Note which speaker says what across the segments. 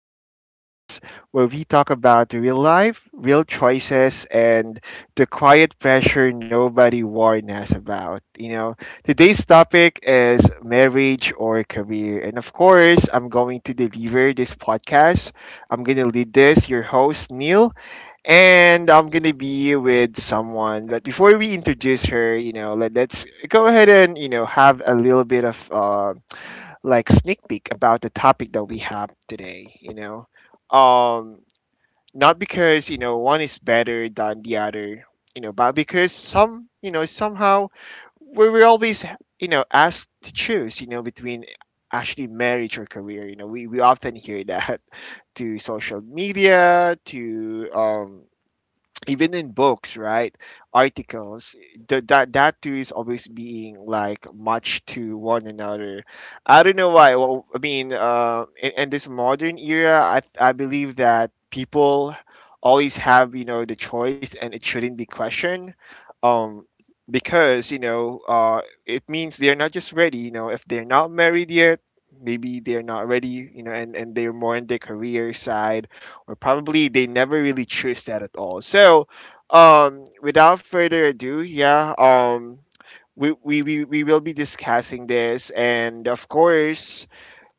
Speaker 1: podcast, where we talk about real life, real choices, and the quiet pressure nobody warned us about. Today's topic is marriage or career. And of course, I'm going to deliver this podcast. I'm going to lead this, your host, Neil, and I'm going to be with someone. But before we introduce her, let's go ahead and, have a little bit of, like sneak peek about the topic that we have today, you know. Um Not because, one is better than the other, but because some, somehow we were always asked to choose between actually marriage or career. We often hear that to social media, to even in books, right? Articles, that too is always being like much to one another. I don't know why. Well, in this modern era, I believe that people always have the choice, and it shouldn't be questioned um because it means they're not just ready. If they're not married yet, maybe they're not ready. You know and They're more in the career side, or probably they never really choose that at all. So, without further ado, yeah, we will be discussing this, and of course,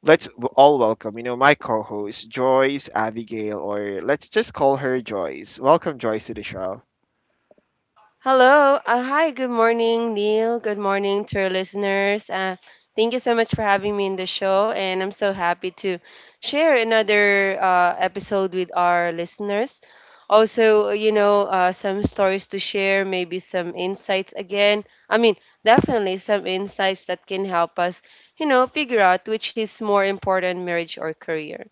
Speaker 1: let's all welcome, my co-host Joyce Abigail, or let's just call her Joyce. Welcome, Joyce, to the show.
Speaker 2: Hello. Hi. Good morning, Neil. Good morning to our listeners. Thank you so much for having me in the show, and I'm so happy to share another episode with our listeners. Also, you know, some stories to share, maybe some insights again. I mean, definitely some insights that can help us, you know, figure out which is more important, marriage or career.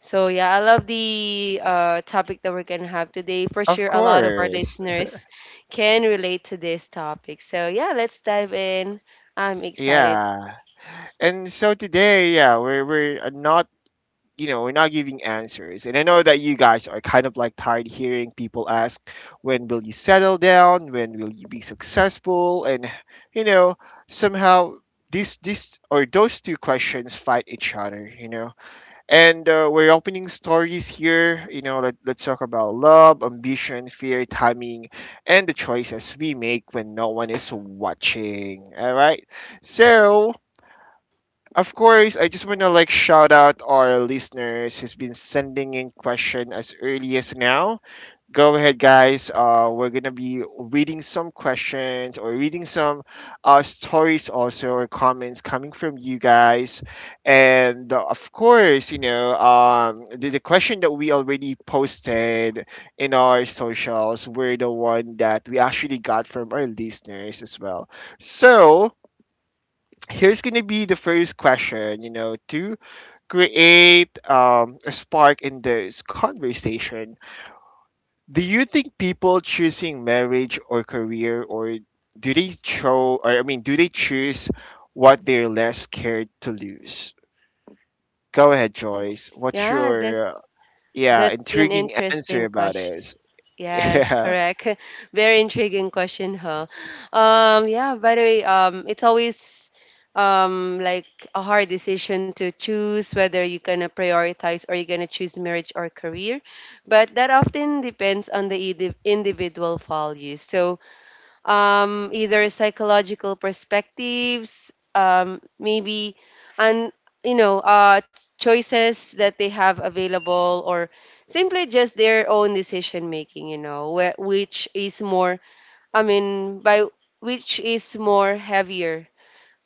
Speaker 2: So yeah, I love the topic that we're gonna have today. For
Speaker 1: Of
Speaker 2: sure, a lot of our
Speaker 1: course.
Speaker 2: listeners can relate to this topic. So yeah, let's dive in. I'm excited.
Speaker 1: Yeah, and so today, yeah, we're not, we're not giving answers. And I know that you guys are kind of like tired hearing people ask, when will you settle down? When will you be successful? And, you know, somehow these or those two questions fight each other, you know. And we're opening stories here, let's talk about love, ambition, fear, timing, and the choices we make when no one is watching. All right. So, of course, I just want to like shout out our listeners who's been sending in question as early as now. Go ahead, guys. We're gonna be reading some questions or reading some stories also or comments coming from you guys. And of course, the question that we already posted in our socials were the one that we actually got from our listeners as well. So here's gonna be the first question, to create a spark in this conversation. Do you think people choosing marriage or career, or do they show, or I mean, do they choose what they're less scared to lose? Go ahead, Joyce. what's
Speaker 2: Yeah,
Speaker 1: your
Speaker 2: that's
Speaker 1: yeah
Speaker 2: that's an
Speaker 1: intriguing answer
Speaker 2: interesting.
Speaker 1: about this?
Speaker 2: Yes,
Speaker 1: Yeah.
Speaker 2: correct. Very intriguing question, huh? Yeah, by the way, it's always like a hard decision to choose whether you're gonna prioritize or you're gonna choose marriage or career. But that often depends on the individual values. So either psychological perspectives, maybe, and you know, choices that they have available, or simply just their own decision making. You know, which is more, I mean, by which is more heavier,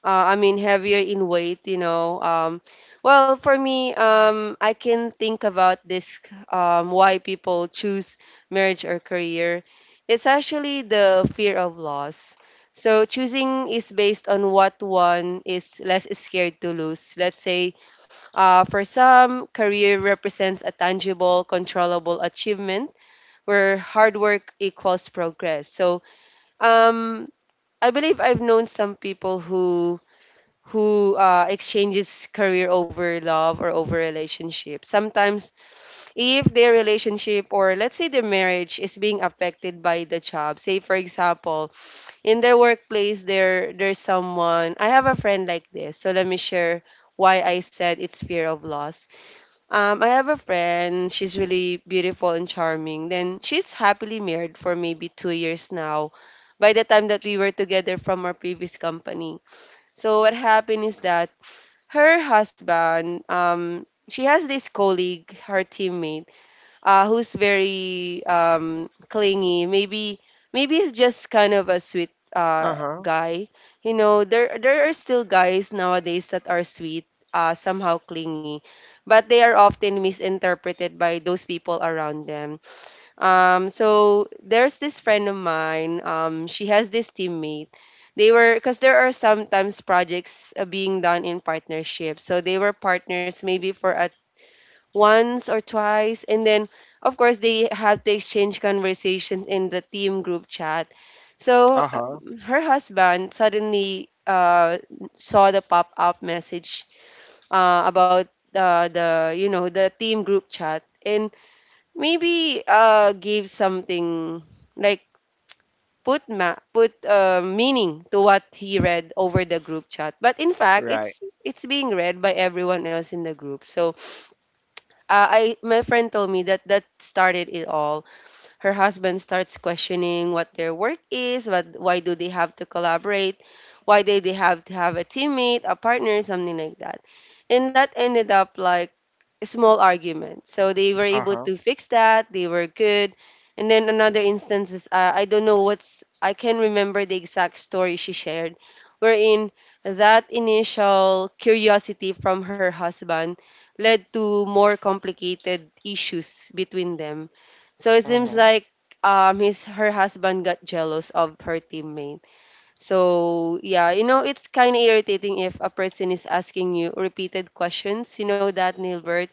Speaker 2: I mean heavier in weight, you know. Well, for me, I can think about this, why people choose marriage or career. It's actually the fear of loss. So choosing is based on what one is less scared to lose. Let's say, for some, career represents a tangible, controllable achievement where hard work equals progress. So um, I believe I've known some people who exchanges career over love or over relationship. Sometimes, if their relationship or let's say their marriage is being affected by the job, say for example, in their workplace, there's someone. I have a friend like this, so let me share why I said it's fear of loss. I have a friend. She's really beautiful and charming. Then she's happily married for maybe 2 years now. By the time that we were together from our previous company. So what happened is that her husband, she has this colleague, her teammate, who's very clingy. Maybe he's just kind of a sweet
Speaker 1: Uh-huh.
Speaker 2: guy. You know, there are still guys nowadays that are sweet, somehow clingy, but they are often misinterpreted by those people around them. So there's this friend of mine. She has this teammate. They were, because there are sometimes projects being done in partnership. So they were partners maybe for at once or twice, and then of course they have to exchange conversations in the team group chat. So
Speaker 1: Uh-huh.
Speaker 2: her husband suddenly saw the pop-up message about the, you know, the team group chat, and maybe give something like put, meaning to what he read over the group chat, but in fact
Speaker 1: Right.
Speaker 2: it's being read by everyone else in the group. So, I my friend told me that that started it all. Her husband starts questioning what their work is, what, why do they have to collaborate? Why do they have to have a teammate, a partner, something like that? And that ended up like a small argument. So they were able
Speaker 1: Uh-huh.
Speaker 2: to fix that. They were good. And then another instance is, I don't know what's, I can remember the exact story she shared, wherein that initial curiosity from her husband led to more complicated issues between them, so it seems
Speaker 1: Uh-huh.
Speaker 2: like his her husband got jealous of her teammate. So yeah, you know, it's kind of irritating if a person is asking you repeated questions. You know that, Nilbert,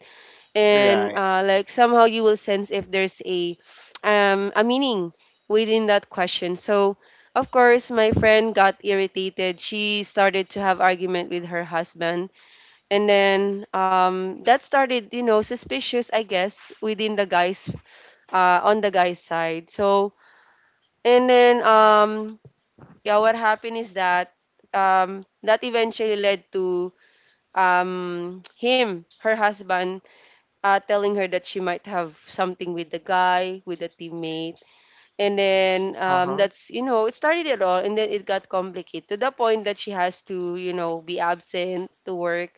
Speaker 2: and
Speaker 1: Right.
Speaker 2: like somehow you will sense if there's a meaning within that question. So of course my friend got irritated. She started to have argument with her husband, and then that started, you know, suspicious, I guess, within the guy's, on the guy's side. So, and then, yeah, what happened is that that eventually led to him, her husband, telling her that she might have something with the guy, with the teammate. And then
Speaker 1: Uh-huh.
Speaker 2: that's, you know, it started it all. And then it got complicated to the point that she has to, you know, be absent to work.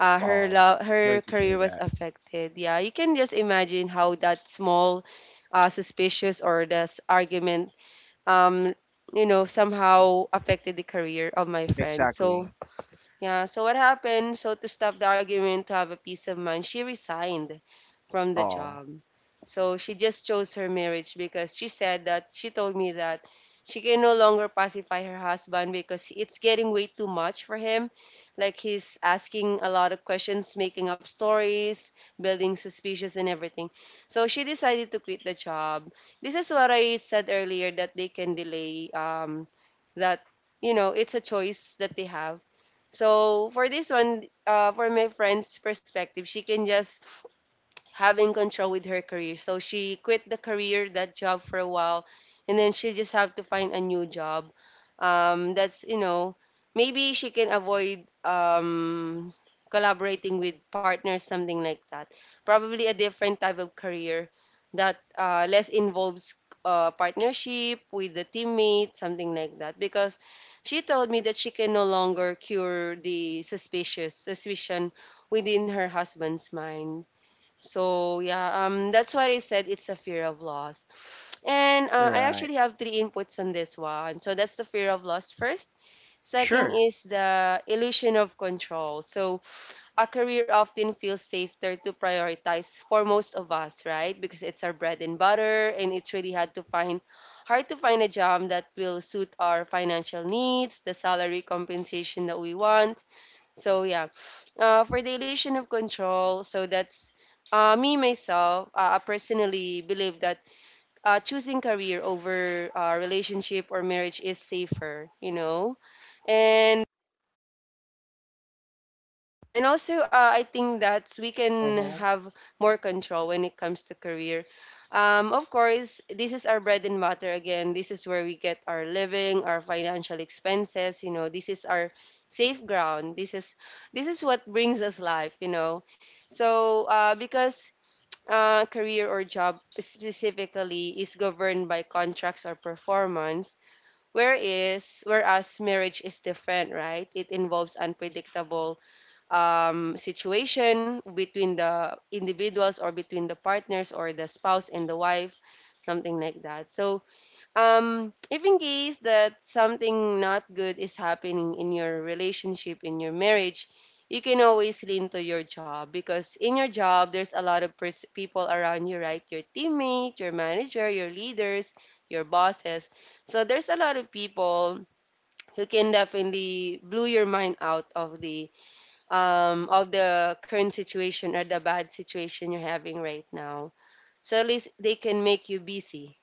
Speaker 1: Oh, sorry
Speaker 2: Her
Speaker 1: to hear
Speaker 2: career was
Speaker 1: that.
Speaker 2: affected. Yeah, you can just imagine how that small suspicious or this argument, um you know, somehow affected the career of my friend. So
Speaker 1: Exactly.
Speaker 2: yeah, so what happened? So to stop the argument, to have a peace of mind, she resigned from the
Speaker 1: Oh.
Speaker 2: job. So she just chose her marriage because she said that, she told me that she can no longer pacify her husband because it's getting way too much for him. Like he's asking a lot of questions, making up stories, building suspicious and everything. So she decided to quit the job. This is what I said earlier, that they can delay, that you know, it's a choice that they have. So for this one, for my friend's perspective, she can just having control with her career. So she quit the career, that job for a while, and then she just have to find a new job. That's, you know, maybe she can avoid collaborating with partners, something like that. Probably a different type of career that less involves partnership with the teammate, something like that. Because she told me that she can no longer cure the suspicious suspicion within her husband's mind. So yeah, that's why I said it's a fear of loss. And I
Speaker 1: Right.
Speaker 2: actually have three inputs on this one. So that's the fear of loss first. Second
Speaker 1: Sure.
Speaker 2: is the illusion of control. So a career often feels safer to prioritize for most of us, right? Because it's our bread and butter, and it's really hard to find a job that will suit our financial needs, the salary compensation that we want, so yeah, for the illusion of control, so that's me myself. I personally believe that choosing career over relationship or marriage is safer. You know, and yeah, and also I think that we can
Speaker 1: Mm-hmm.
Speaker 2: have more control when it comes to career. Of course, this is our bread and butter again. This is where we get our living, our financial expenses. You know, this is our safe ground. This is what brings us life. You know, so because career or job specifically is governed by contracts or performance, whereas marriage is different, right? It involves unpredictable situation between the individuals or between the partners or the spouse and the wife, something like that. So if in case that something not good is happening in your relationship, in your marriage, you can always lean to your job, because in your job there's a lot of people around you, right? Your teammate, your manager, your leaders, your bosses. So there's a lot of people who can definitely blow your mind out of the current situation or the bad situation you're having right now. So at least they can make you busy.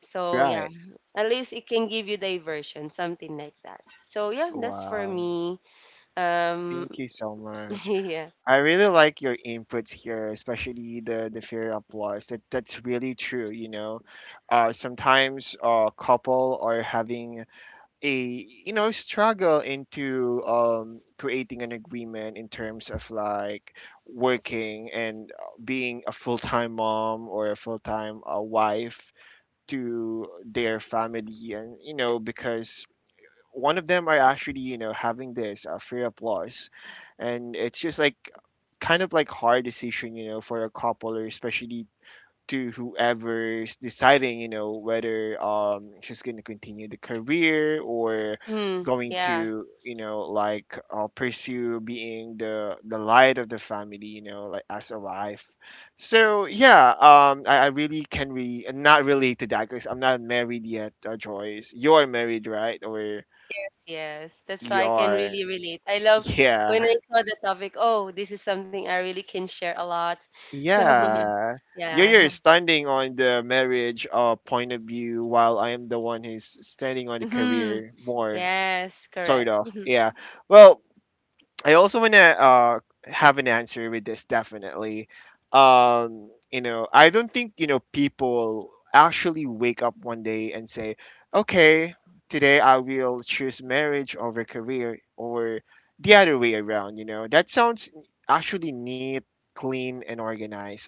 Speaker 2: So yeah,
Speaker 1: Right.
Speaker 2: at least it can give you diversion, something like that. So yeah, that's for
Speaker 1: Wow.
Speaker 2: me. Um,
Speaker 1: Thank you so much.
Speaker 2: yeah.
Speaker 1: I really like your inputs here, especially the fear of loss. That's really true. You know, sometimes a couple are having a, struggle into creating an agreement in terms of like working and being a full time mom or a full time wife to their family, and you know because one of them are actually, you know, having this fear of loss, and it's just like kind of like hard decision, you know, for a couple, or especially to whoever's deciding, you know, whether she's going to continue the career, or
Speaker 2: Mm-hmm.
Speaker 1: going
Speaker 2: Yeah.
Speaker 1: to, you know, like pursue being the light of the family, you know, like as a wife. So yeah, I really can re not relate to that because I'm not married yet. Joyce, you're married, right? Or
Speaker 2: Yes, yes. That's
Speaker 1: you
Speaker 2: why I can
Speaker 1: are.
Speaker 2: really relate. I love when
Speaker 1: Yeah.
Speaker 2: I saw the topic. Oh, this is something I really can share a lot. So
Speaker 1: Yeah. You're,
Speaker 2: yeah.
Speaker 1: you're standing on the marriage point of view while I am the one who's standing on the
Speaker 2: Mm-hmm.
Speaker 1: career more,
Speaker 2: Yes, correct.
Speaker 1: sort of. Yeah. Well, I also want to have an answer with this definitely. You know, I don't think you know people actually wake up one day and say, "Okay, today I will choose marriage over career," or the other way around. You know, that sounds actually neat, clean, and organized.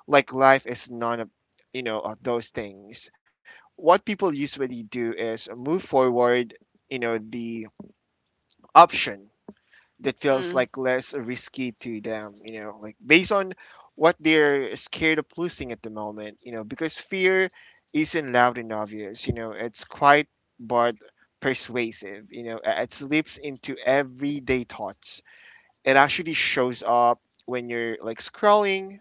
Speaker 1: Like life is none of, you know, of those things. What people usually do is move forward. You know, the option that feels
Speaker 2: Mm-hmm.
Speaker 1: like less risky to them, you know, like based on what they're scared of losing at the moment, you know, because fear isn't loud and obvious, you know, it's quite but persuasive, you know, it slips into everyday thoughts. It actually shows up when you're like scrolling,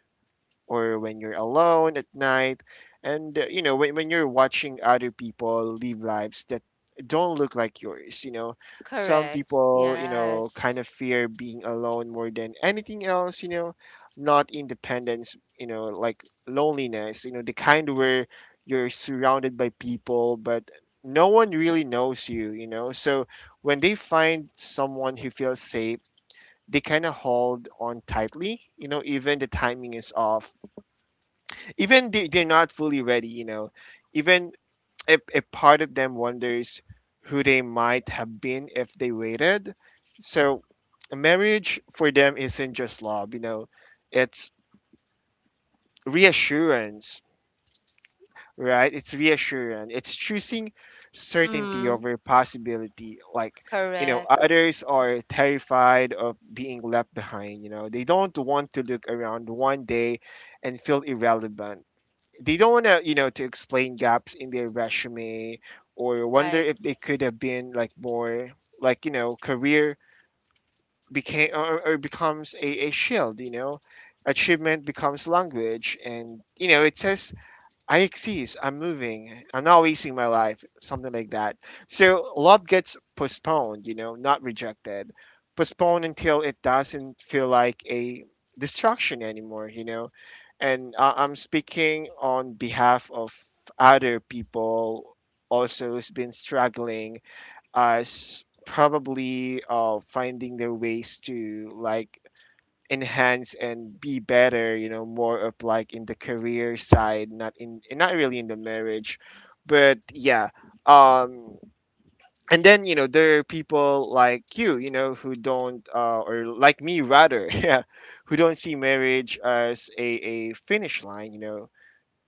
Speaker 1: or when you're alone at night. And, you know, when you're watching other people live lives that don't look like yours, you know, some
Speaker 2: Correct.
Speaker 1: people, you know, kind
Speaker 2: Yes.
Speaker 1: of fear being alone more than anything else, you know, not independence, you know, like loneliness, you know, the kind where you're surrounded by people, but no one really knows you, you know. So when they find someone who feels safe, they kind of hold on tightly, you know, even the timing is off, even they're not fully ready, you know, even if a part of them wonders who they might have been if they waited. So marriage for them isn't just love, you know, it's reassurance. Right, it's reassurance, it's choosing certainty
Speaker 2: Mhm.
Speaker 1: over possibility. Like, you know,
Speaker 2: Correct.
Speaker 1: others are terrified of being left behind, you know, they don't want to look around one day and feel irrelevant. They don't want to, you know, to explain gaps in their resume, or wonder
Speaker 2: Right.
Speaker 1: if they could have been like more, like, you know, career became, or becomes a shield, you know, achievement becomes language, and you know it says, I exist. I'm moving. I'm not wasting my life. Something like that. So love gets postponed, you know, not rejected. Postponed until it doesn't feel like a distraction anymore, you know. And I'm speaking on behalf of other people also who's been struggling as probably finding their ways to like enhance and be better, you know, more of like in the career side, not in, not really in the marriage, but yeah. um and then you know there are people like you know, who don't, or like me rather, yeah, who don't see marriage as a finish line, you know,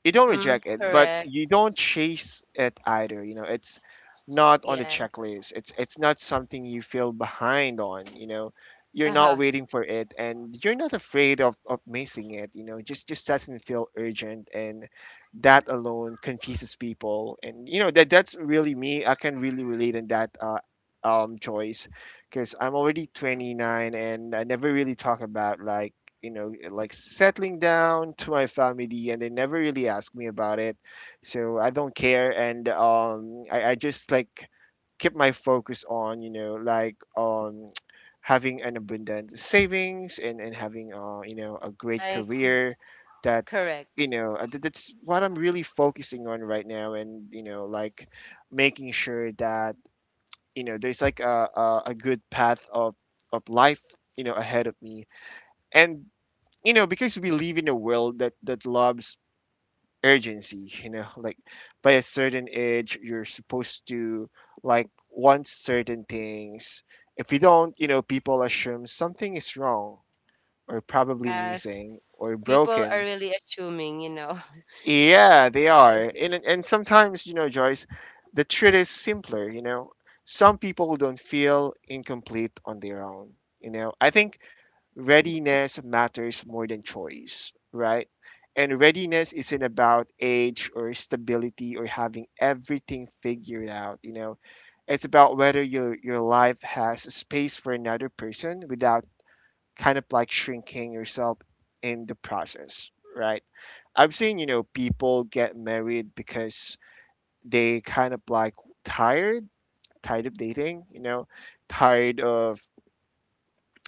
Speaker 1: you don't
Speaker 2: Mhm.
Speaker 1: reject it, but
Speaker 2: Correct.
Speaker 1: you don't chase it either. You know, it's not on the
Speaker 2: Yes.
Speaker 1: checklist. It's not something you feel behind on. You know, you're not
Speaker 2: Uh-huh.
Speaker 1: waiting for it, and you're not afraid of missing it. You know, just doesn't feel urgent, and that alone confuses people. And you know that that's really me. I can really relate in that choice because I'm already 29, and I never really talk about like, you know, like settling down to my family, and they never really ask me about it. So I don't care. And I just like keep my focus on, you know, like on having an abundant savings, and having, you know, a great
Speaker 2: Right.
Speaker 1: career that,
Speaker 2: Correct.
Speaker 1: you know, that's what I'm really focusing on right now, and you know, like making sure that you know there's like a good path of life, you know, ahead of me. And you know because we live in a world that that loves urgency, you know, like by a certain age you're supposed to like want certain things. If you don't, you know, people assume something is wrong, or probably
Speaker 2: Yes.
Speaker 1: missing or
Speaker 2: People are
Speaker 1: broken.
Speaker 2: really assuming, you know.
Speaker 1: Yeah, they are.
Speaker 2: Yes.
Speaker 1: And sometimes, you know, Joyce, the truth is simpler, you know. Some people don't feel incomplete on their own, you know. I think readiness matters more than choice, right? And readiness isn't about age or stability or having everything figured out, you know. It's about whether your life has space for another person without kind of like shrinking yourself in the process, right? I've seen, you know, people get married because they kind of like tired, tired of dating, you know, tired of,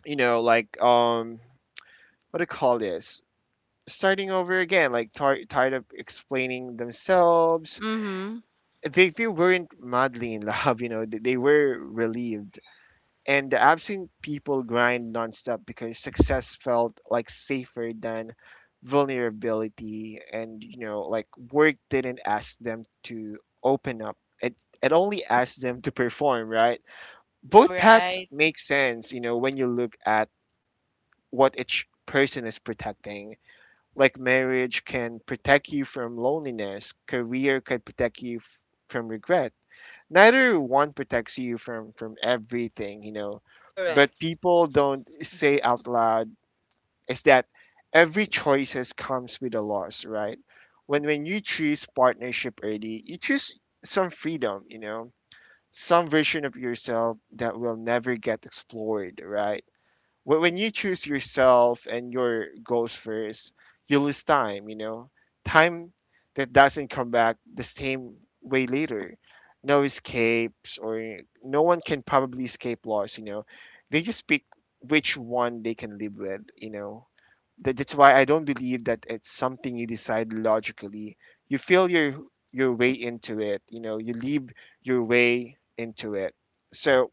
Speaker 1: you know, like what do you call this? Starting over again, like tired of explaining themselves.
Speaker 2: Mhm.
Speaker 1: They weren't madly in love, you know. They were relieved. And I've seen people grind nonstop because success felt like safer than vulnerability. And, you know, like work didn't ask them to open up. It only asked them to perform, right?
Speaker 2: Mm,
Speaker 1: Both paths
Speaker 2: right.
Speaker 1: make sense, you know, when you look at what each person is protecting. Like marriage can protect you from loneliness, career could protect you from regret. Neither one protects you from everything, you know, but
Speaker 2: Correct.
Speaker 1: people don't say out loud is that every choices comes with a loss, right? When you choose partnership early, you choose some freedom, you know, some version of yourself that will never get explored, right? When you choose yourself and your goals first, you lose time, you know, time that doesn't come back the same way later. No escapes, or no one can probably escape loss, you know. They just pick which one they can live with, you know. That's why I don't believe that it's something you decide logically. You feel your way into it, you know. You live your way into it. So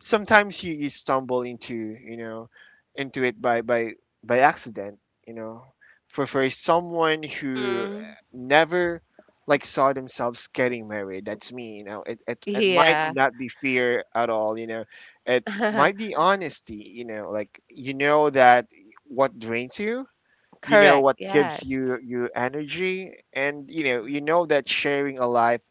Speaker 1: sometimes you stumble into into it by accident, you know, for someone who
Speaker 2: Mm.
Speaker 1: never like saw themselves getting married, that's me, you know. It might
Speaker 2: Yeah.
Speaker 1: not be fear at all, you know. It might be honesty, you know, like you know that what drains you, you know
Speaker 2: Correct.
Speaker 1: what gives
Speaker 2: Yes.
Speaker 1: you energy, and you know. You know that sharing a life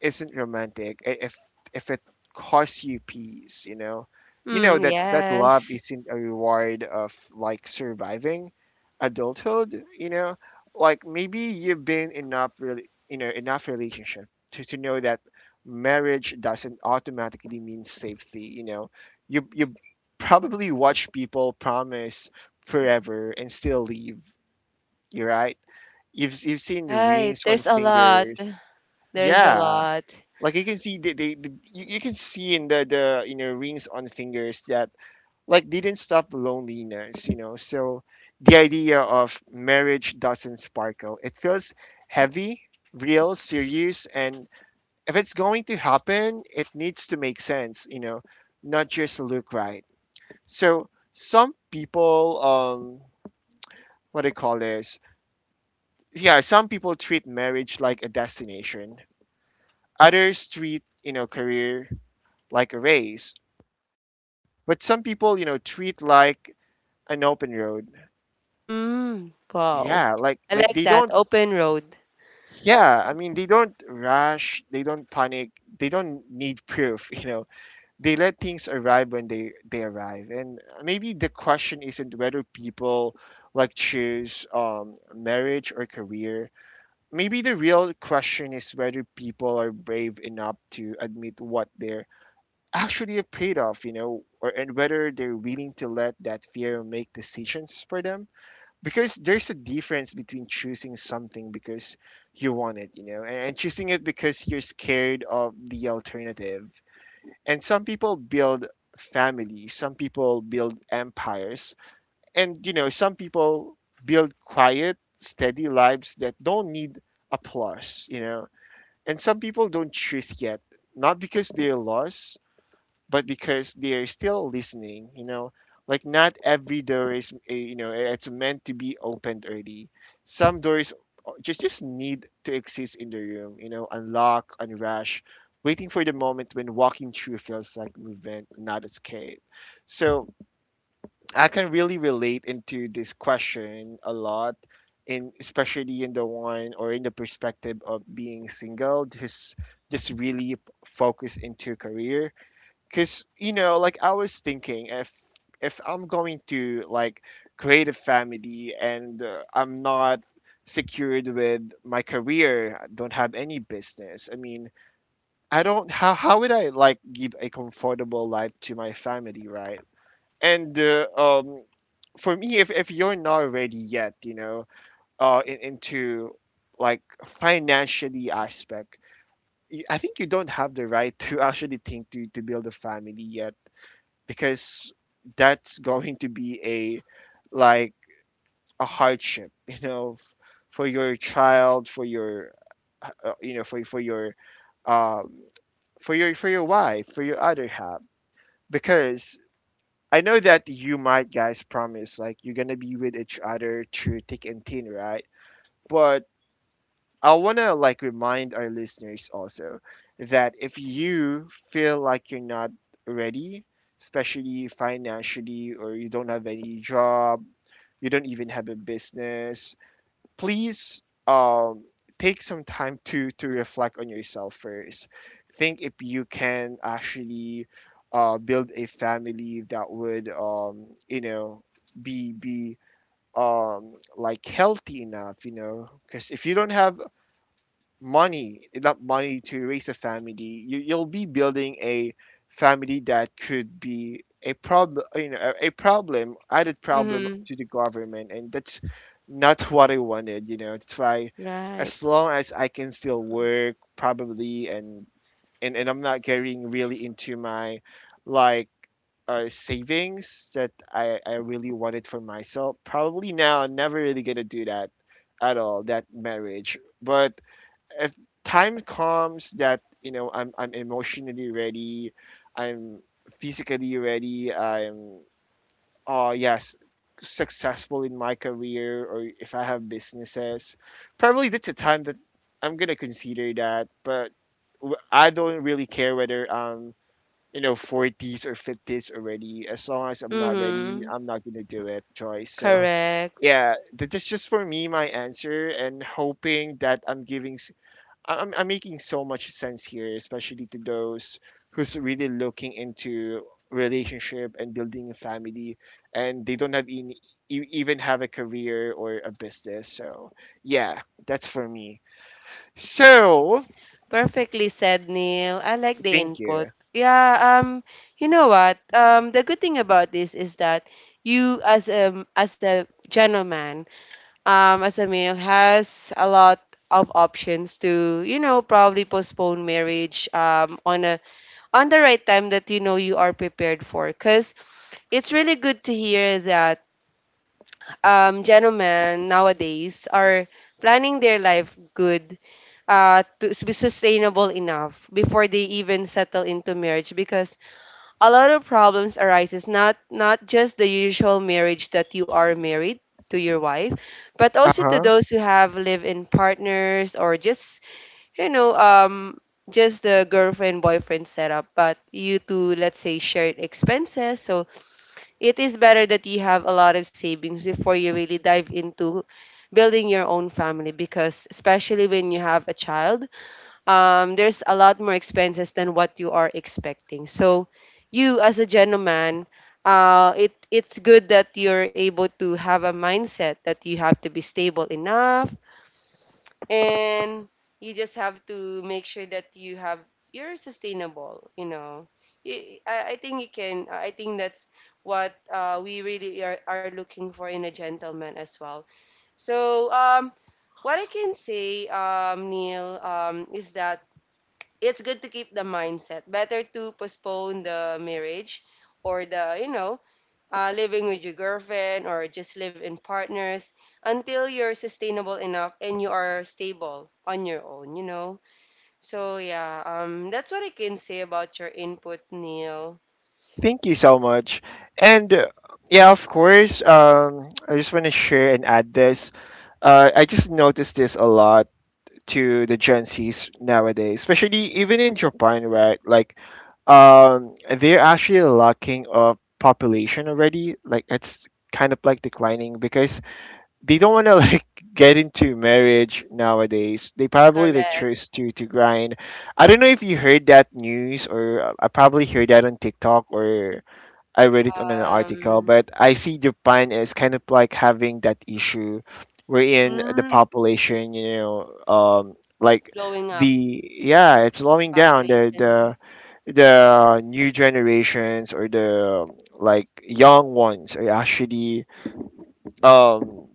Speaker 1: isn't romantic if it costs you peace, you know. You know
Speaker 2: Mm,
Speaker 1: that love
Speaker 2: yes.
Speaker 1: isn't a reward of like surviving adulthood, you know. Like maybe you've been enough, really, you know, enough relationship to know that marriage doesn't automatically mean safety, you know. You probably watch people promise forever and still leave. You're right. You've seen
Speaker 2: Right.
Speaker 1: rings on
Speaker 2: There's a lot.
Speaker 1: fingers.
Speaker 2: There's a
Speaker 1: Yeah,
Speaker 2: lot.
Speaker 1: like you can see you can see in the rings on fingers that like they didn't stop loneliness, you know. So the idea of marriage doesn't sparkle. It feels heavy, real, serious, and if it's going to happen, it needs to make sense, you know, not just look right. So some people what do you call this? Yeah, some people treat marriage like a destination. Others treat, you know, career like a race. But some people, you know, treat like an open road.
Speaker 2: Mm. Wow.
Speaker 1: Yeah, like
Speaker 2: I
Speaker 1: like
Speaker 2: like
Speaker 1: they
Speaker 2: that.
Speaker 1: don't.
Speaker 2: Open road.
Speaker 1: Yeah, I mean they don't rush, they don't panic, they don't need proof. You know, they let things arrive when they arrive. And maybe the question isn't whether people like choose marriage or career. Maybe the real question is whether people are brave enough to admit what they're actually afraid of. You know, or and whether they're willing to let that fear make decisions for them, because there's a difference between choosing something because you want it, you know, and choosing it because you're scared of the alternative. And some people build families, some people build empires, and you know, some people build quiet, steady lives that don't need applause, you know. And some people don't choose yet, not because they're lost, but because they're still listening, you know, like not every door is, you know, it's meant to be opened early. Some doors just need to exist in the room, you know, unlock, unrush, waiting for the moment when walking through feels like movement, not escape. So I can really relate into this question a lot. In, especially in the one or in the perspective of being single, just really focus into career, because you know, like I was thinking, if I'm going to like create a family and I'm not secured with my career, I don't have any business. I mean, I don't, how would I like give a comfortable life to my family, right? And for me, if you're not ready yet, you know, into like financially aspect, I think you don't have the right to actually think to build a family yet, because that's going to be a like a hardship, you know, for your child, for your you know, for your um, for your for your wife, for your other half, because I know that you might guys promise like you're gonna be with each other through thick and thin, right? But I want to like remind our listeners also that if you feel like you're not ready, especially financially, or you don't have any job, you don't even have a business, please, um, take some time to reflect on yourself first. Think if you can actually build a family that would you know, be like healthy enough, you know, because if you don't have money, enough money to raise a family, you'll be building a family that could be a problem, you know, a problem, added problem
Speaker 2: Mm-hmm.
Speaker 1: to the government. And that's not what I wanted, you know. That's why
Speaker 2: Right.
Speaker 1: as long as I can still work probably, and and I'm not getting really into my like savings that I really wanted for myself, probably now I'm never really gonna do that at all, that marriage. But if time comes that, you know, I'm emotionally ready, I'm physically ready, I'm oh yes, successful in my career, or if I have businesses, probably that's a time that I'm gonna consider that. But I don't really care whether I'm, you know, 40s or 50s already. As long as I'm not ready,
Speaker 2: Mm-hmm.
Speaker 1: I'm not gonna do it, Joyce. So
Speaker 2: Correct.
Speaker 1: yeah, that's just for me, my answer, and hoping that I'm giving, I'm making so much sense here, especially to those who's really looking into relationship and building a family, and they don't have any, even have a career or a business. So yeah, that's for me.
Speaker 2: Correct.
Speaker 1: So
Speaker 2: Perfectly said, Neil. I like the
Speaker 1: thank you.
Speaker 2: input. Yeah, you know what? The good thing about this is that you as a gentleman, as a male has a lot of options to, you know, probably postpone marriage on a on the right time that you know you are prepared for. Cause it's really good to hear that gentlemen nowadays are planning their life good, uh, be sustainable enough before they even settle into marriage, because a lot of problems arises, not not just the usual marriage that you are married to your wife, but
Speaker 1: Uh
Speaker 2: also to
Speaker 1: huh.
Speaker 2: those who have live-in partners or just, you know, just the girlfriend boyfriend setup, but you two let's say shared expenses. So it is better that you have a lot of savings before you really dive into building your own family, because especially when you have a child, there's a lot more expenses than what you are expecting. So, you as a gentleman, it's good that you're able to have a mindset that you have to be stable enough, and you just have to make sure that you're sustainable. I think you can. I think that's what we really are looking for in a gentleman as well. So, um, what I can say, Neil, is that it's good to keep the mindset. Better to postpone the marriage or the, living with your girlfriend or just live in partners until you're sustainable enough and you are stable on your own, you know? So, yeah, that's what I can say about your input, Neil.
Speaker 1: Thank you so much. And yeah, of course. I just want to share and add this. I just noticed this a lot to the Gen Zs nowadays, especially even in Japan, right? Like, they're actually lacking of population already. Like, it's kind of like declining because they don't want to like get into marriage nowadays. They probably like
Speaker 2: Correct.
Speaker 1: choose to grind. I don't know if you heard that news, or I probably heard that on TikTok, or I read it on an article.
Speaker 2: Um,
Speaker 1: But I see Japan as kind of like having that issue wherein the
Speaker 2: mm,
Speaker 1: population, you know,
Speaker 2: it's
Speaker 1: like
Speaker 2: blowing up
Speaker 1: the yeah, it's slowing down the
Speaker 2: population.
Speaker 1: the the new generations, or the like young ones are actually um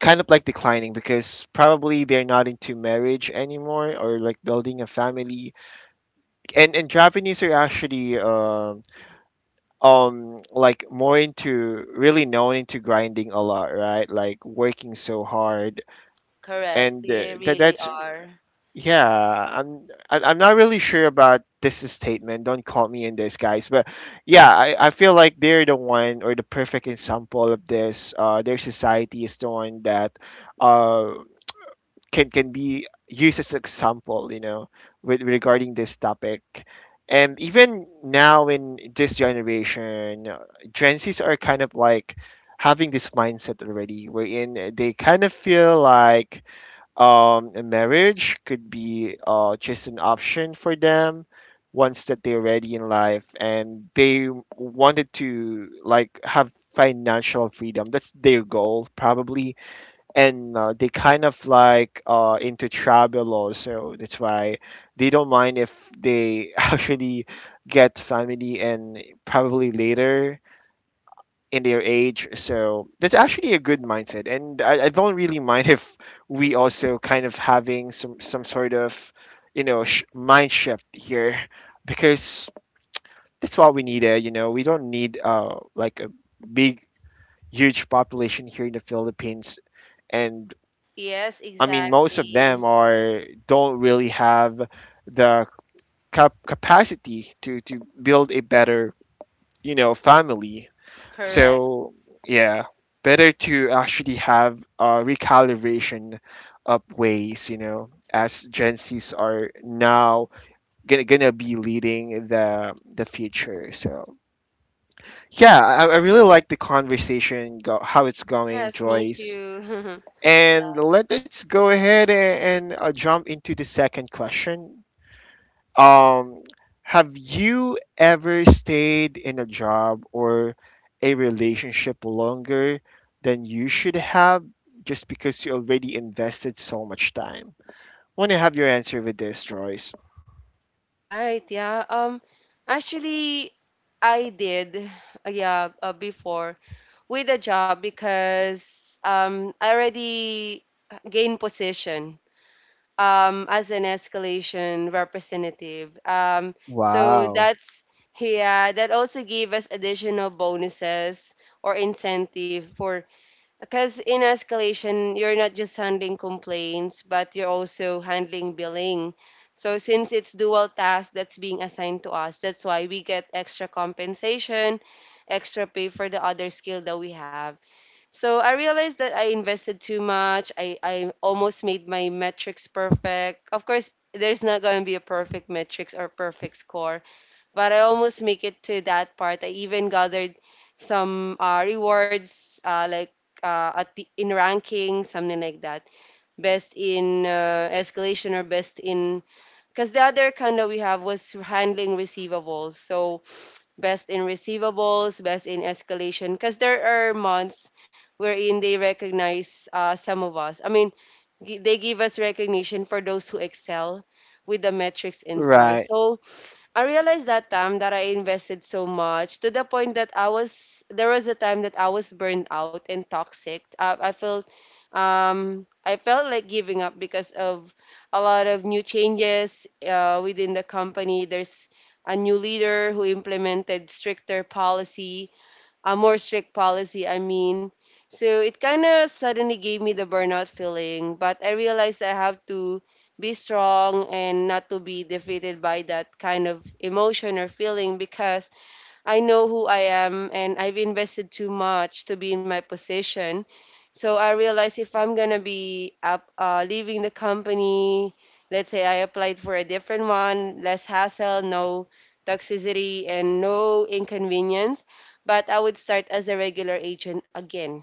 Speaker 1: kind of like declining because probably they're not into marriage anymore, or like building a family. And Japanese are actually like more into really known into grinding a lot, right? Like working so hard,
Speaker 2: Correct.
Speaker 1: and
Speaker 2: They really
Speaker 1: that's
Speaker 2: are.
Speaker 1: yeah, I'm not really sure about this statement, don't call me in this, guys, but yeah, I feel like they're the one or the perfect example of this. Uh, their society is the one that uh can be used as example, you know, with regarding this topic. And even now in this generation, Gen Z's are kind of like having this mindset already, wherein they kind of feel like a marriage could be just an option for them once that they're ready in life, and they wanted to like have financial freedom, that's their goal probably. And they kind of like into tribal law, so that's why they don't mind if they actually get family and probably later in their age. So that's actually a good mindset, and I don't really mind if we also kind of having some sort of, you know, mind shift here, because that's what we need. You know, we don't need like a big huge population here in the Philippines. And
Speaker 2: Yes,
Speaker 1: I mean, most of them
Speaker 2: exactly.
Speaker 1: are don't really have the capacity to build a better, you know, family.
Speaker 2: Correct.
Speaker 1: So yeah, better to actually have a recalibration of ways, you know, as Gen Zs are now gonna be leading the future. So yeah, I really like the conversation, go, how it's going,
Speaker 2: Yes, me
Speaker 1: Joyce.
Speaker 2: too.
Speaker 1: And let's go ahead and jump into the second question. Um, have you ever stayed in a job or a relationship longer than you should have, just because you already invested so much time? Want to have your answer with this, Joyce.
Speaker 2: Right, yeah. Actually, I did, yeah, before with a job because I already gained position, as an escalation representative. Wow. So
Speaker 1: Wow.
Speaker 2: that's, yeah, that also gave us additional bonuses or incentive for. Because in escalation, you're not just handling complaints, but you're also handling billing. So since it's dual task that's being assigned to us, that's why we get extra compensation, extra pay for the other skill that we have. So I realized that I invested too much. I almost made my metrics perfect. Of course, there's not going to be a perfect metrics or perfect score, but I almost make it to that part. I even gathered some rewards, like at the, in ranking, something like that. Best in escalation or best in. Because the other kind of we have was handling receivables. So best in receivables, best in escalation. Because there are months wherein they recognize some of us. I mean, they give us recognition for those who excel with the metrics and so.
Speaker 1: Right,
Speaker 2: So I realized that time that I invested so much to the point that I was there was a time that I was burned out and toxic. I felt, I felt like giving up because of a lot of new changes within the company. There's a new leader who implemented stricter policy, a more strict policy, I mean. So it kind of suddenly gave me the burnout feeling, but I realized I have to be strong and not to be defeated by that kind of emotion or feeling because I know who I am and I've invested too much to be in my position. So I realized if I'm gonna be up, leaving the company, let's say I applied for a different one, less hassle, no toxicity, and no inconvenience, but I would start as a regular agent again.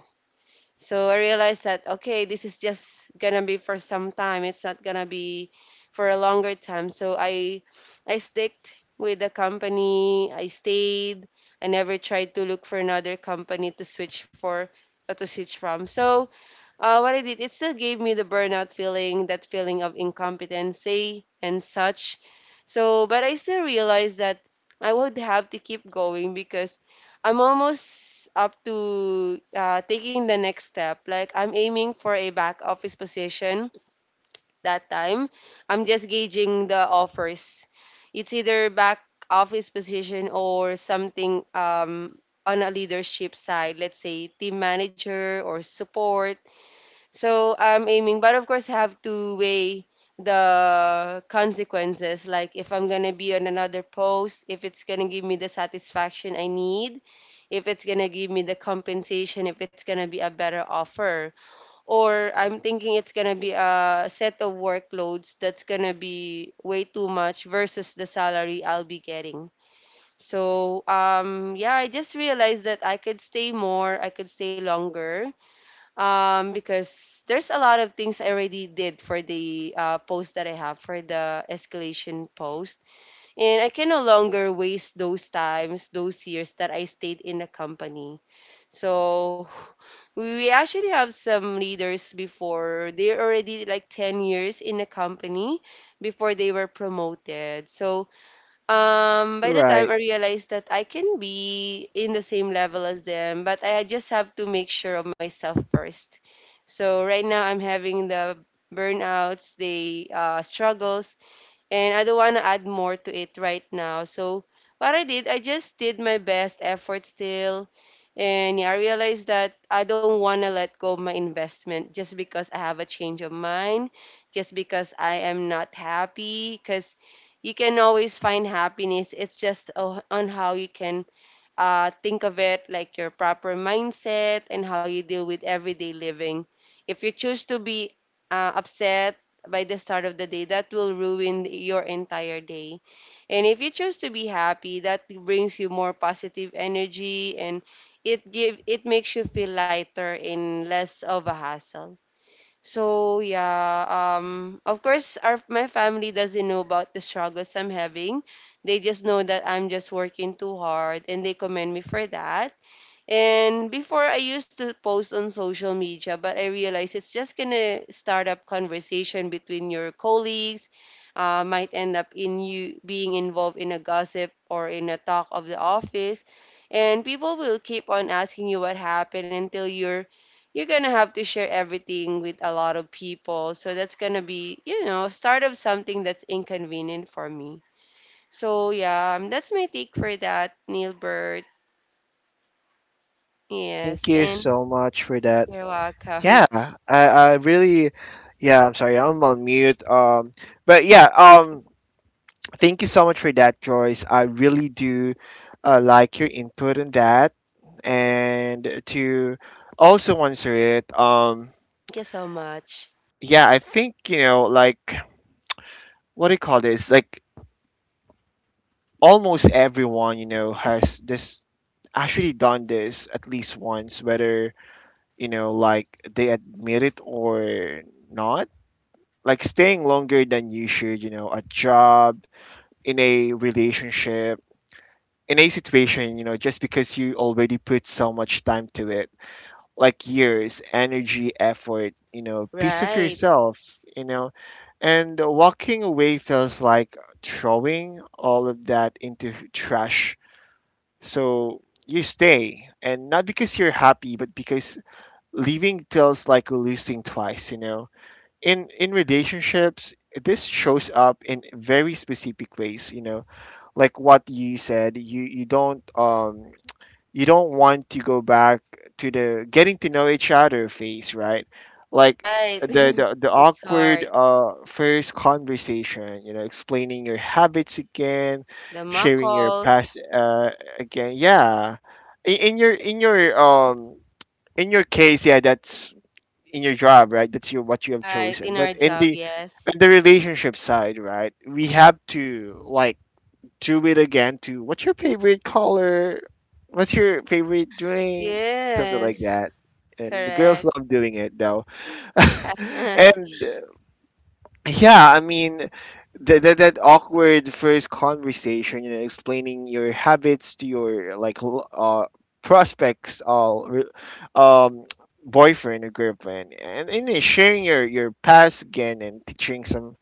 Speaker 2: So I realized that okay, this is just gonna be for some time. It's not gonna be for a longer time. So I sticked with the company. I stayed. I never tried to look for another company to switch for, to switch from. So what I did, it still gave me the burnout feeling, that feeling of incompetency and such. So, but I still realized that I would have to keep going because I'm almost up to taking the next step. Like, I'm aiming for a back office position that time. I'm just gauging the offers. It's either back office position or something, on a leadership side, let's say team manager or support. So I'm aiming, but of course, I have to weigh the consequences. Like if I'm gonna be on another post, if it's gonna give me the satisfaction I need, if it's gonna give me the compensation, if it's gonna be a better offer, or I'm thinking it's gonna be a set of workloads that's gonna be way too much versus the salary I'll be getting. So yeah, I just realized that I could stay more, I could stay longer, because there's a lot of things I already did for the post that I have for the escalation post, and I can no longer waste those times, those years that I stayed in the company. So we actually have some leaders before they're already like 10 years in the company before they were promoted. So by the
Speaker 1: right.
Speaker 2: time I realized that I can be in the same level as them, but I just have to make sure of myself first. So right now I'm having the burnouts, the struggles, and I don't want to add more to it right now. So what I did, I just did my best effort still. And yeah, I realized that I don't want to let go of my investment just because I have a change of mind, just because I am not happy. Because you can always find happiness. It's just on how you can think of it, like your proper mindset and how you deal with everyday living. If you choose to be upset by the start of the day, that will ruin your entire day. And if you choose to be happy, that brings you more positive energy and it makes you feel lighter and less of a hassle. So yeah, of course, our my family doesn't know about the struggles I'm having. They just know that I'm just working too hard, and they commend me for that. And before I used to post on social media, but I realized it's just gonna start up conversation between your colleagues, might end up in you being involved in a gossip or in a talk of the office, and people will keep on asking you what happened until you're gonna have to share everything with a lot of people. So that's gonna be, you know, start of something that's inconvenient for me. So yeah, that's my take for that, Neilbert.
Speaker 1: Thank
Speaker 2: Yes,
Speaker 1: you
Speaker 2: and.
Speaker 1: so much for that.
Speaker 2: You're welcome.
Speaker 1: Yeah, I really, yeah, I'm sorry, I'm on mute. But yeah, thank you so much for that, Joyce. I really do like your input on that. And to also answer it,
Speaker 2: Thank you so much.
Speaker 1: yeah, I think, you know, like, what do you call this? Like, almost everyone, you know, has this actually done this at least once, whether, you know, like they admit it or not. Like, staying longer than you should, you know, a job, in a relationship, in a situation, you know, just because you already put so much time to it, like years, energy, effort, you know, piece of
Speaker 2: Right,
Speaker 1: yourself, you know, and walking away feels like throwing all of that into trash. So you stay, and not because you're happy, but because leaving feels like losing twice. In relationships, this shows up in very specific ways, like what you said. You don't you don't want to go back to the getting to know each other phase, right? Like
Speaker 2: right.
Speaker 1: the the, the
Speaker 2: It's
Speaker 1: awkward
Speaker 2: hard.
Speaker 1: first conversation, explaining your habits again,
Speaker 2: The
Speaker 1: sharing your
Speaker 2: muckles.
Speaker 1: past again. Yeah, in, in your in your um in your case, yeah, that's in your job, right? That's your what you have
Speaker 2: Right,
Speaker 1: chosen.
Speaker 2: in
Speaker 1: But
Speaker 2: our job, yes.
Speaker 1: in the relationship side, right? We have to like do it again. To what's your favorite color? What's your favorite drink? Something like
Speaker 2: Yes,
Speaker 1: that. And the
Speaker 2: correct.
Speaker 1: girls love doing it though.
Speaker 2: Yeah,
Speaker 1: and yeah, that awkward first conversation, explaining your habits to your like prospects, all re- um boyfriend or girlfriend, and then sharing your past again and teaching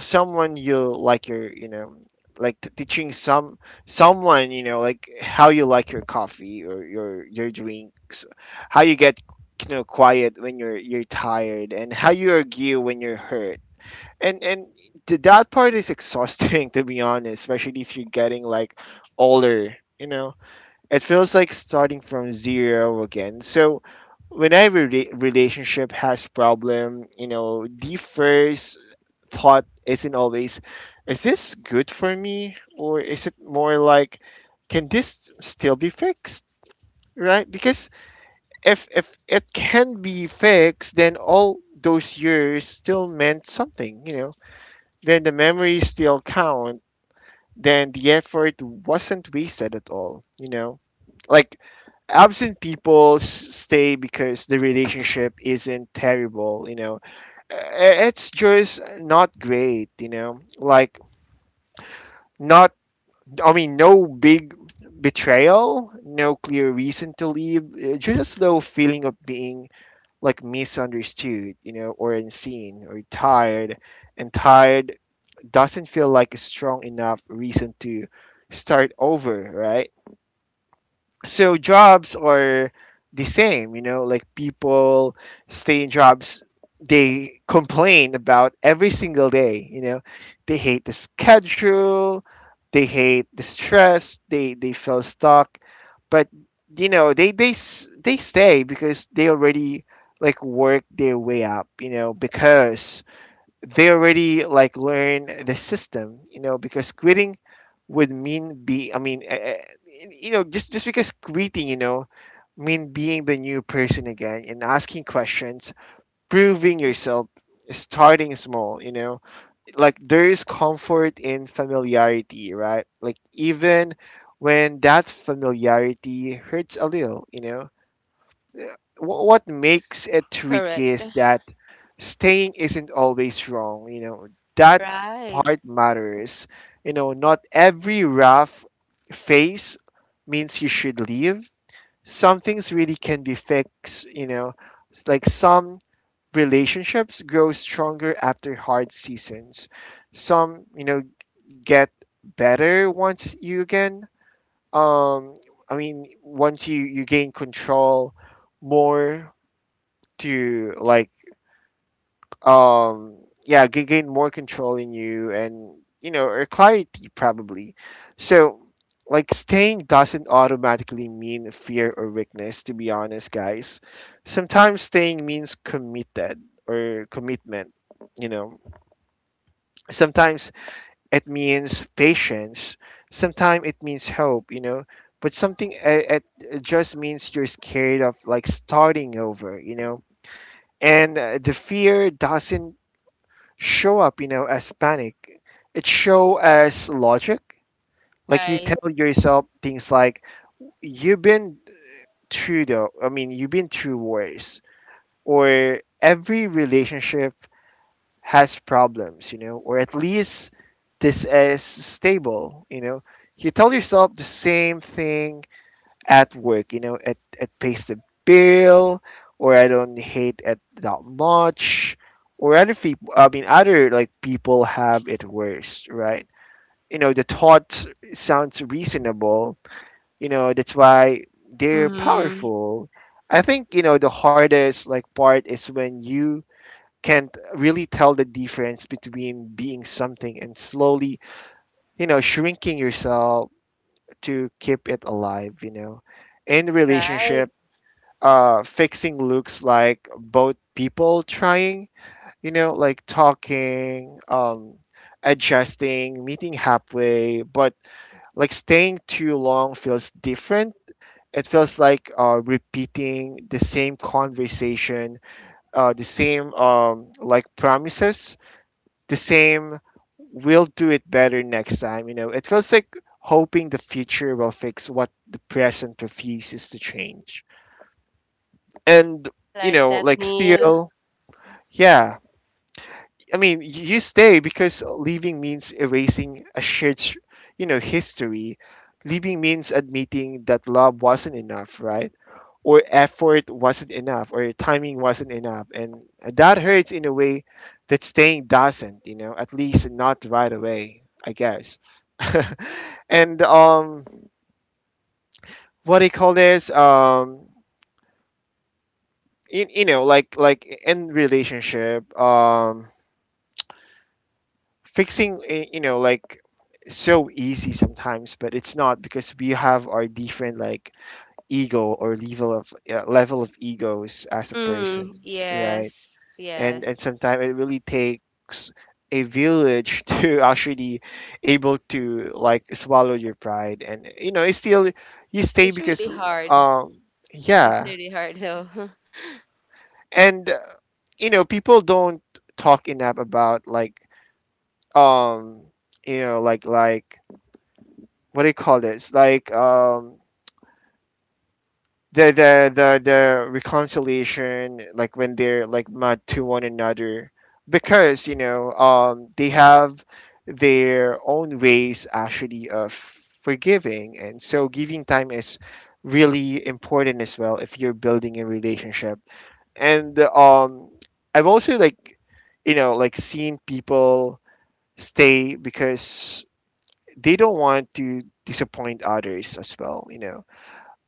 Speaker 1: someone you like your you know like t- teaching someone, how you like your coffee or your drinks, how you get quiet when you're tired, and how you argue when you're hurt. and and that part is exhausting to be honest, especially if you're getting like older. It feels like starting from zero again. So whenever relationship has problem, the first thought isn't always, is this good for me? Or is it more like, can this still be fixed? Right? Because if it can be fixed, then all those years still meant something. Then the memories still count. Then the effort wasn't wasted at all. Like absent stay because the relationship isn't terrible. Uh, It's just not great. Like not, no big betrayal, no clear reason to leave, just a slow feeling of being like misunderstood, or unseen or tired. And tired doesn't feel like a strong enough reason to start over, right? So jobs are the same, like people stay in jobs they complain about every single day. They hate the schedule, they hate the stress, they feel stuck. But they stay because they already like work their way up, because they already like learn the system, you know, because quitting would mean be I mean, you know, just because quitting, you know, mean being the new person again and asking questions, proving yourself, starting small, you know. Like there is comfort in familiarity, right? Like even when that familiarity hurts a little, you know. What makes it
Speaker 2: correct.
Speaker 1: tricky is that staying isn't always wrong. You know, that
Speaker 2: Right,
Speaker 1: part matters. You know, not every rough phase means you should leave. Some things really can be fixed. You know, it's like some relationships grow stronger after hard seasons. Some, you know, get better once you again. Um, once you you gain control more to um gain more control in you and, you know, or clarity probably. So like staying doesn't automatically mean fear or weakness, to be honest guys. Sometimes staying means committed, or commitment, you know. Sometimes it means patience, sometimes it means hope, you know. But something, it just means you're scared of like starting over, you know. And the fear doesn't show up, you know, as panic. It show as logic. Like you
Speaker 2: right.
Speaker 1: tell yourself things like, "You've been through you've been through worse," or "Every relationship has problems," you know, or at least this is stable, you know. You tell yourself the same thing at work, you know, at pays the bill, or I don't hate it that much, or other like people have it worse, right? You know, the thought sounds reasonable, you know, that's why they're
Speaker 2: Mm,
Speaker 1: powerful. I think, you know, the hardest like part is when you can't really tell the difference between being something and slowly, you know, shrinking yourself to keep it alive, you know. In
Speaker 2: right.
Speaker 1: relationships, fixing looks like both people trying, you know, like talking, adjusting, meeting halfway. But like staying too long feels different. It feels like repeating the same conversation, the same like promises, the same we'll do it better next time. You know, it feels like hoping the future will fix what the present refuses to change. And
Speaker 2: I
Speaker 1: you
Speaker 2: like
Speaker 1: know
Speaker 2: that,
Speaker 1: like
Speaker 2: Neil.
Speaker 1: still Yeah, you stay because leaving means erasing a shared, history. Leaving means admitting that love wasn't enough, right? Or effort wasn't enough, or timing wasn't enough, and that hurts in a way that staying doesn't. You know, at least not right away, I guess. and what do you call this? You, you know, in relationship, fixing, you know, like so easy sometimes, but it's not because we have our different like ego or level of egos as a
Speaker 2: Mm,
Speaker 1: person, right.
Speaker 2: yes,
Speaker 1: And
Speaker 2: yes.
Speaker 1: sometimes it really takes a village to actually able to like swallow your pride. And you know, it's still you stay
Speaker 2: It's
Speaker 1: because
Speaker 2: really hard.
Speaker 1: um
Speaker 2: It's
Speaker 1: yeah.
Speaker 2: really hard, though.
Speaker 1: And you know, people don't talk enough about um you know like like what do you call this? The reconciliation, like when they're like mad to one another, because you know they have their own ways actually of forgiving, and so giving time is really important as well if you're building a relationship. And I've also like, you know, like seen people stay because they don't want to disappoint others as well, you know.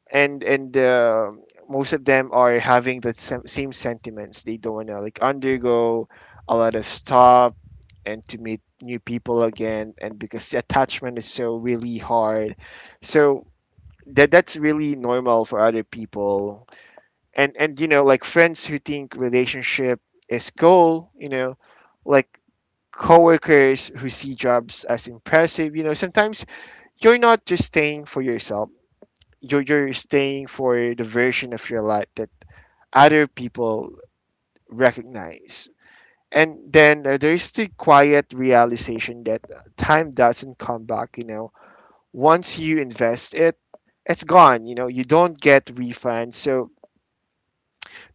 Speaker 1: And Most of them are having the same sentiments. They don't want to like undergo a lot of stuff and to meet new people again, and because the attachment is so really hard. So that's really normal for other people. And you know, like friends who think relationship is goal, you know, like coworkers who see jobs as impressive, you know, sometimes you're not just staying for yourself, you're staying for the version of your life that other people recognize. And then, there's the quiet realization that time doesn't come back. You know, once you invest it, it's gone. You know, you don't get refunds. So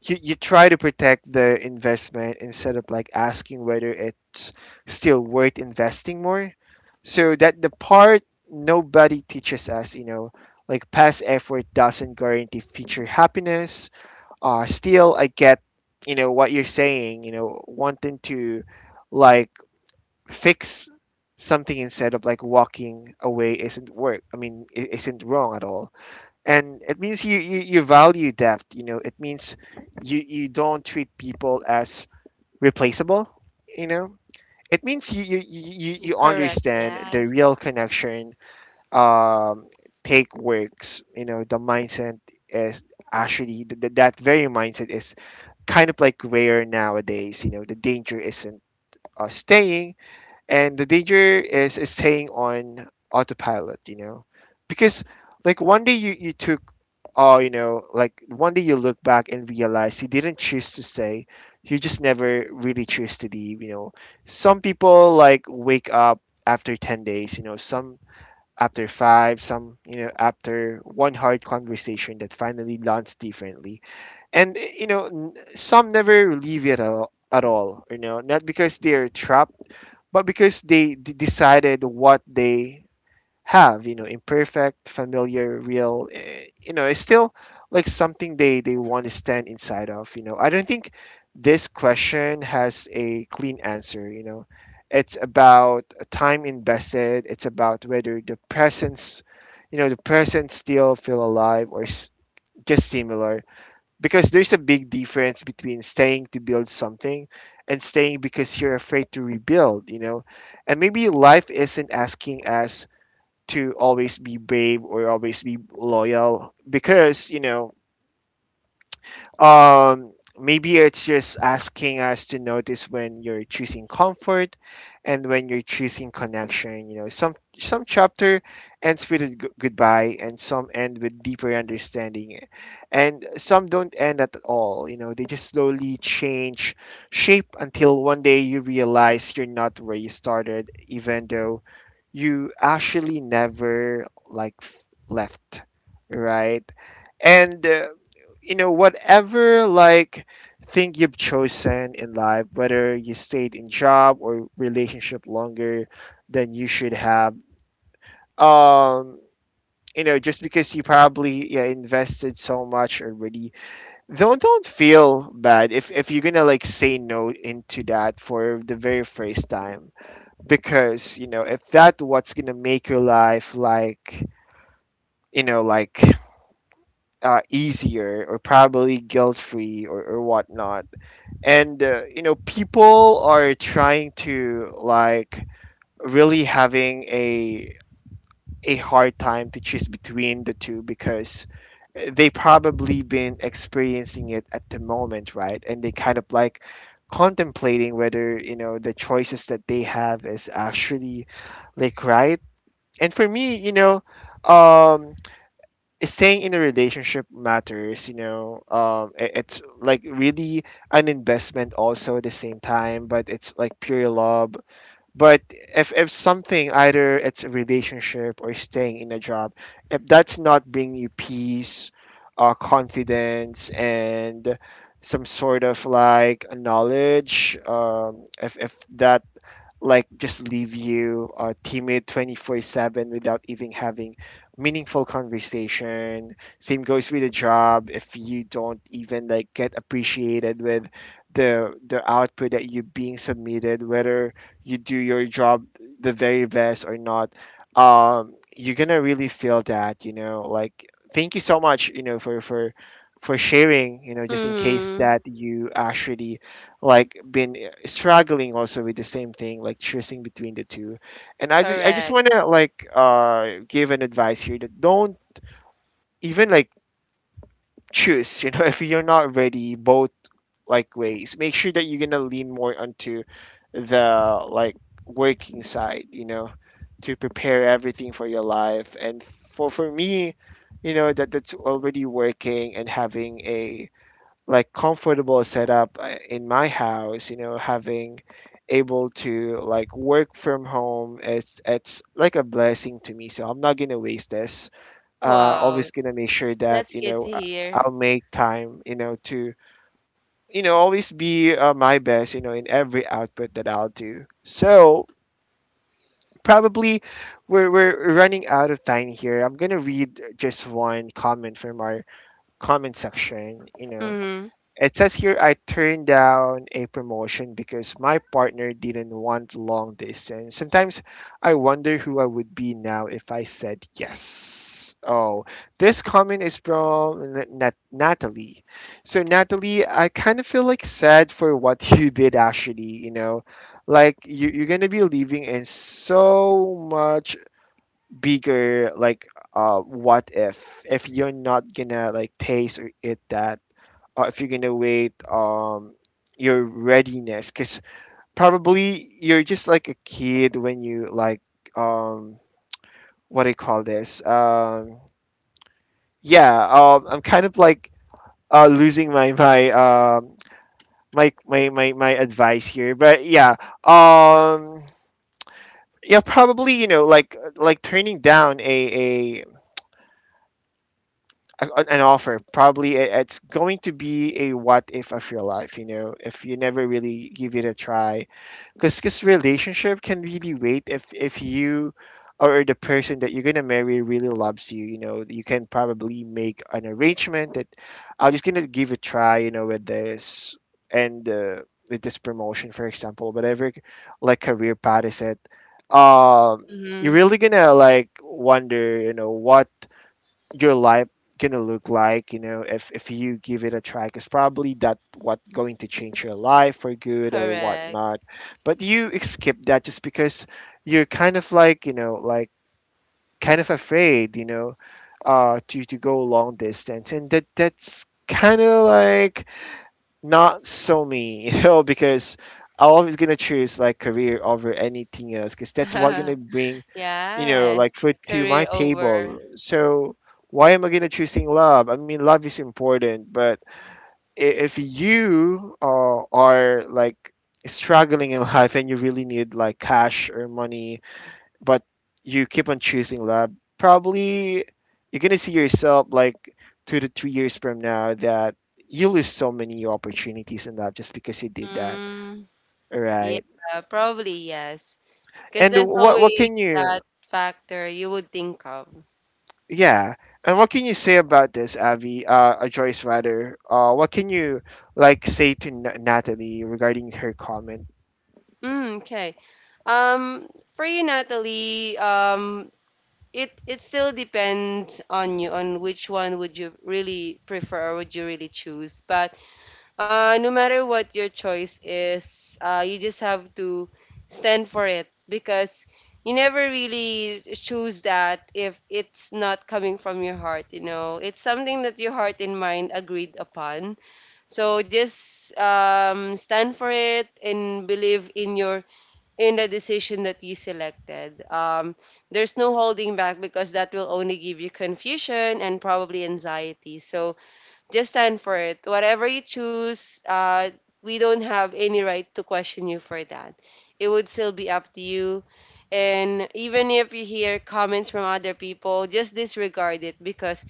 Speaker 1: you try to protect the investment instead of like asking whether it's still worth investing more. So that the part nobody teaches us, you know, like past effort doesn't guarantee future happiness. Still, I get, you know, what you're saying. You know, wanting to like fix something instead of like walking away isn't work. I mean, isn't wrong at all. And it means you you value depth. You know, it means you you don't treat people as replaceable. You know, it means you
Speaker 2: Correct,
Speaker 1: understand the real
Speaker 2: yes.
Speaker 1: connection. Um, take works. You know, the mindset is actually that very mindset is kind of like rare nowadays. You know, the danger isn't staying, and the danger is staying on autopilot. You know, because like one day you took, oh, you know, like one day you look back and realize you didn't choose to stay. You just never really choose to leave. You know, some people like wake up after 10 days. You know, some after five, some, you know, after one hard conversation that finally lands differently. And you know, some never leave it at all, at all, you know, not because they're trapped, but because they decided what they have, you know, imperfect, familiar, real. You know, it's still like something they want to stand inside of. You know, I don't think this question has a clean answer. You know, it's about time invested, it's about whether the presence, you know, the present still feel alive or just similar. Because there's a big difference between staying to build something and staying because you're afraid to rebuild, you know. And maybe life isn't asking us to always be brave or always be loyal, because, you know, um, maybe it's just asking us to notice when you're choosing comfort and when you're choosing connection. You know, some chapter ends with a goodbye, and some end with deeper understanding, and some don't end at all. You know, they just slowly change shape until one day you realize you're not where you started, even though you actually never left, right? And whatever like thing you've chosen in life, whether you stayed in job or relationship longer than you should have, um just because you probably, yeah, invested so much already. Don't feel bad if you're gonna like say no into that for the very first time, because if that what's gonna make your life like, you know like easier or probably guilt free, or whatnot. And people are trying to like really having a hard time to choose between the two, because they probably been experiencing it at the moment, right, and they kind of like contemplating whether the choices that they have is actually like right. And for me you know um staying in a relationship matters. It's like really an investment also at the same time, but it's like pure love. But if something, either it's a relationship or staying in a job, if that's not bringing you peace, confidence and some sort of like knowledge, if that like just leave you timid 24/7 without even having meaningful conversation. Same goes with a job. If you don't even like get appreciated with the output that you being submitted, whether you do your job the very best or not, you're gonna really feel that. You know, like thank you so much. For sharing, just in case
Speaker 2: Mm,
Speaker 1: that you actually like been struggling also with the same thing, like choosing between the two. And I just
Speaker 2: correct.
Speaker 1: want to like give an advice here that don't even like choose, you know, if you're not ready both like ways. Make sure that you're gonna lean more onto the like working side, you know, to prepare everything for your life. And for me, you know, that's already working and having a like comfortable setup in my house, having able to like work from home. It's like a blessing to me, so I'm not gonna waste this. Always
Speaker 2: Wow.
Speaker 1: gonna make sure that
Speaker 2: That's good to hear.
Speaker 1: I'll make time, you know, to always be my best, in every output that I'll do. So probably we're running out of time here. I'm gonna read just one comment from our comment section, you know.
Speaker 2: Mm-hmm.
Speaker 1: It says here, I turned down a promotion because my partner didn't want long distance. Sometimes I wonder who I would be now if I said yes. Oh, this comment is from Natalie. So, Natalie, I kind of feel like sad for what you did actually, you know, like you're going to be living in so much bigger, like, what if you're not going to like taste or eat that, if you're gonna wait, your readiness, because probably you're just like a kid when you like, um what do you call this, yeah I'm kind of like losing my advice here, but yeah. um yeah probably, you know, like turning down an offer. Probably it's going to be a what if of your life, you know, if you never really give it a try. Because relationship can really wait, if you or the person that you're going to marry really loves you, you know, you can probably make an arrangement that I'm just going to give a try, you know, with this, and with this promotion, for example, whatever like career path is it. Um, you're
Speaker 2: Mm-hmm.
Speaker 1: really gonna like wonder, you know, what your life gonna look like, if you give it a try, because probably that what going to change your life for good or
Speaker 2: Correct.
Speaker 1: whatnot. But you skip that, just because you're kind of like, kind of afraid, to go long distance. And that's kind of like not so me, you know, because I'm always gonna choose like career over anything else, because that's what gonna bring, you know,
Speaker 2: Yes.
Speaker 1: like food to my
Speaker 2: Career over.
Speaker 1: table. So why am I gonna choosing love? I mean, love is important, but if you are like struggling in life and you really need like cash or money, but you keep on choosing love, probably you're gonna see yourself like 2 to 3 years from now that you lose so many opportunities in life just because you did that.
Speaker 2: Mm,
Speaker 1: All right.
Speaker 2: yeah, probably yes. Because
Speaker 1: And
Speaker 2: there's
Speaker 1: what
Speaker 2: always
Speaker 1: can
Speaker 2: that
Speaker 1: you
Speaker 2: factor you would think of.
Speaker 1: Yeah. And what can you say about this, Avi? Joyce rather. What can you like say to Natalie regarding her comment?
Speaker 2: Mm, okay. Um, for you, Natalie, it it still depends on you on which one would you really prefer or would you really choose. But no matter what your choice is, you just have to stand for it because you never really choose that if it's not coming from your heart. You know, it's something that your heart and mind agreed upon. So just stand for it and believe in your in the decision that you selected. There's no holding back because that will only give you confusion and probably anxiety. So just stand for it. Whatever you choose, we don't have any right to question you for that. It would still be up to you. And even if you hear comments from other people, just disregard it because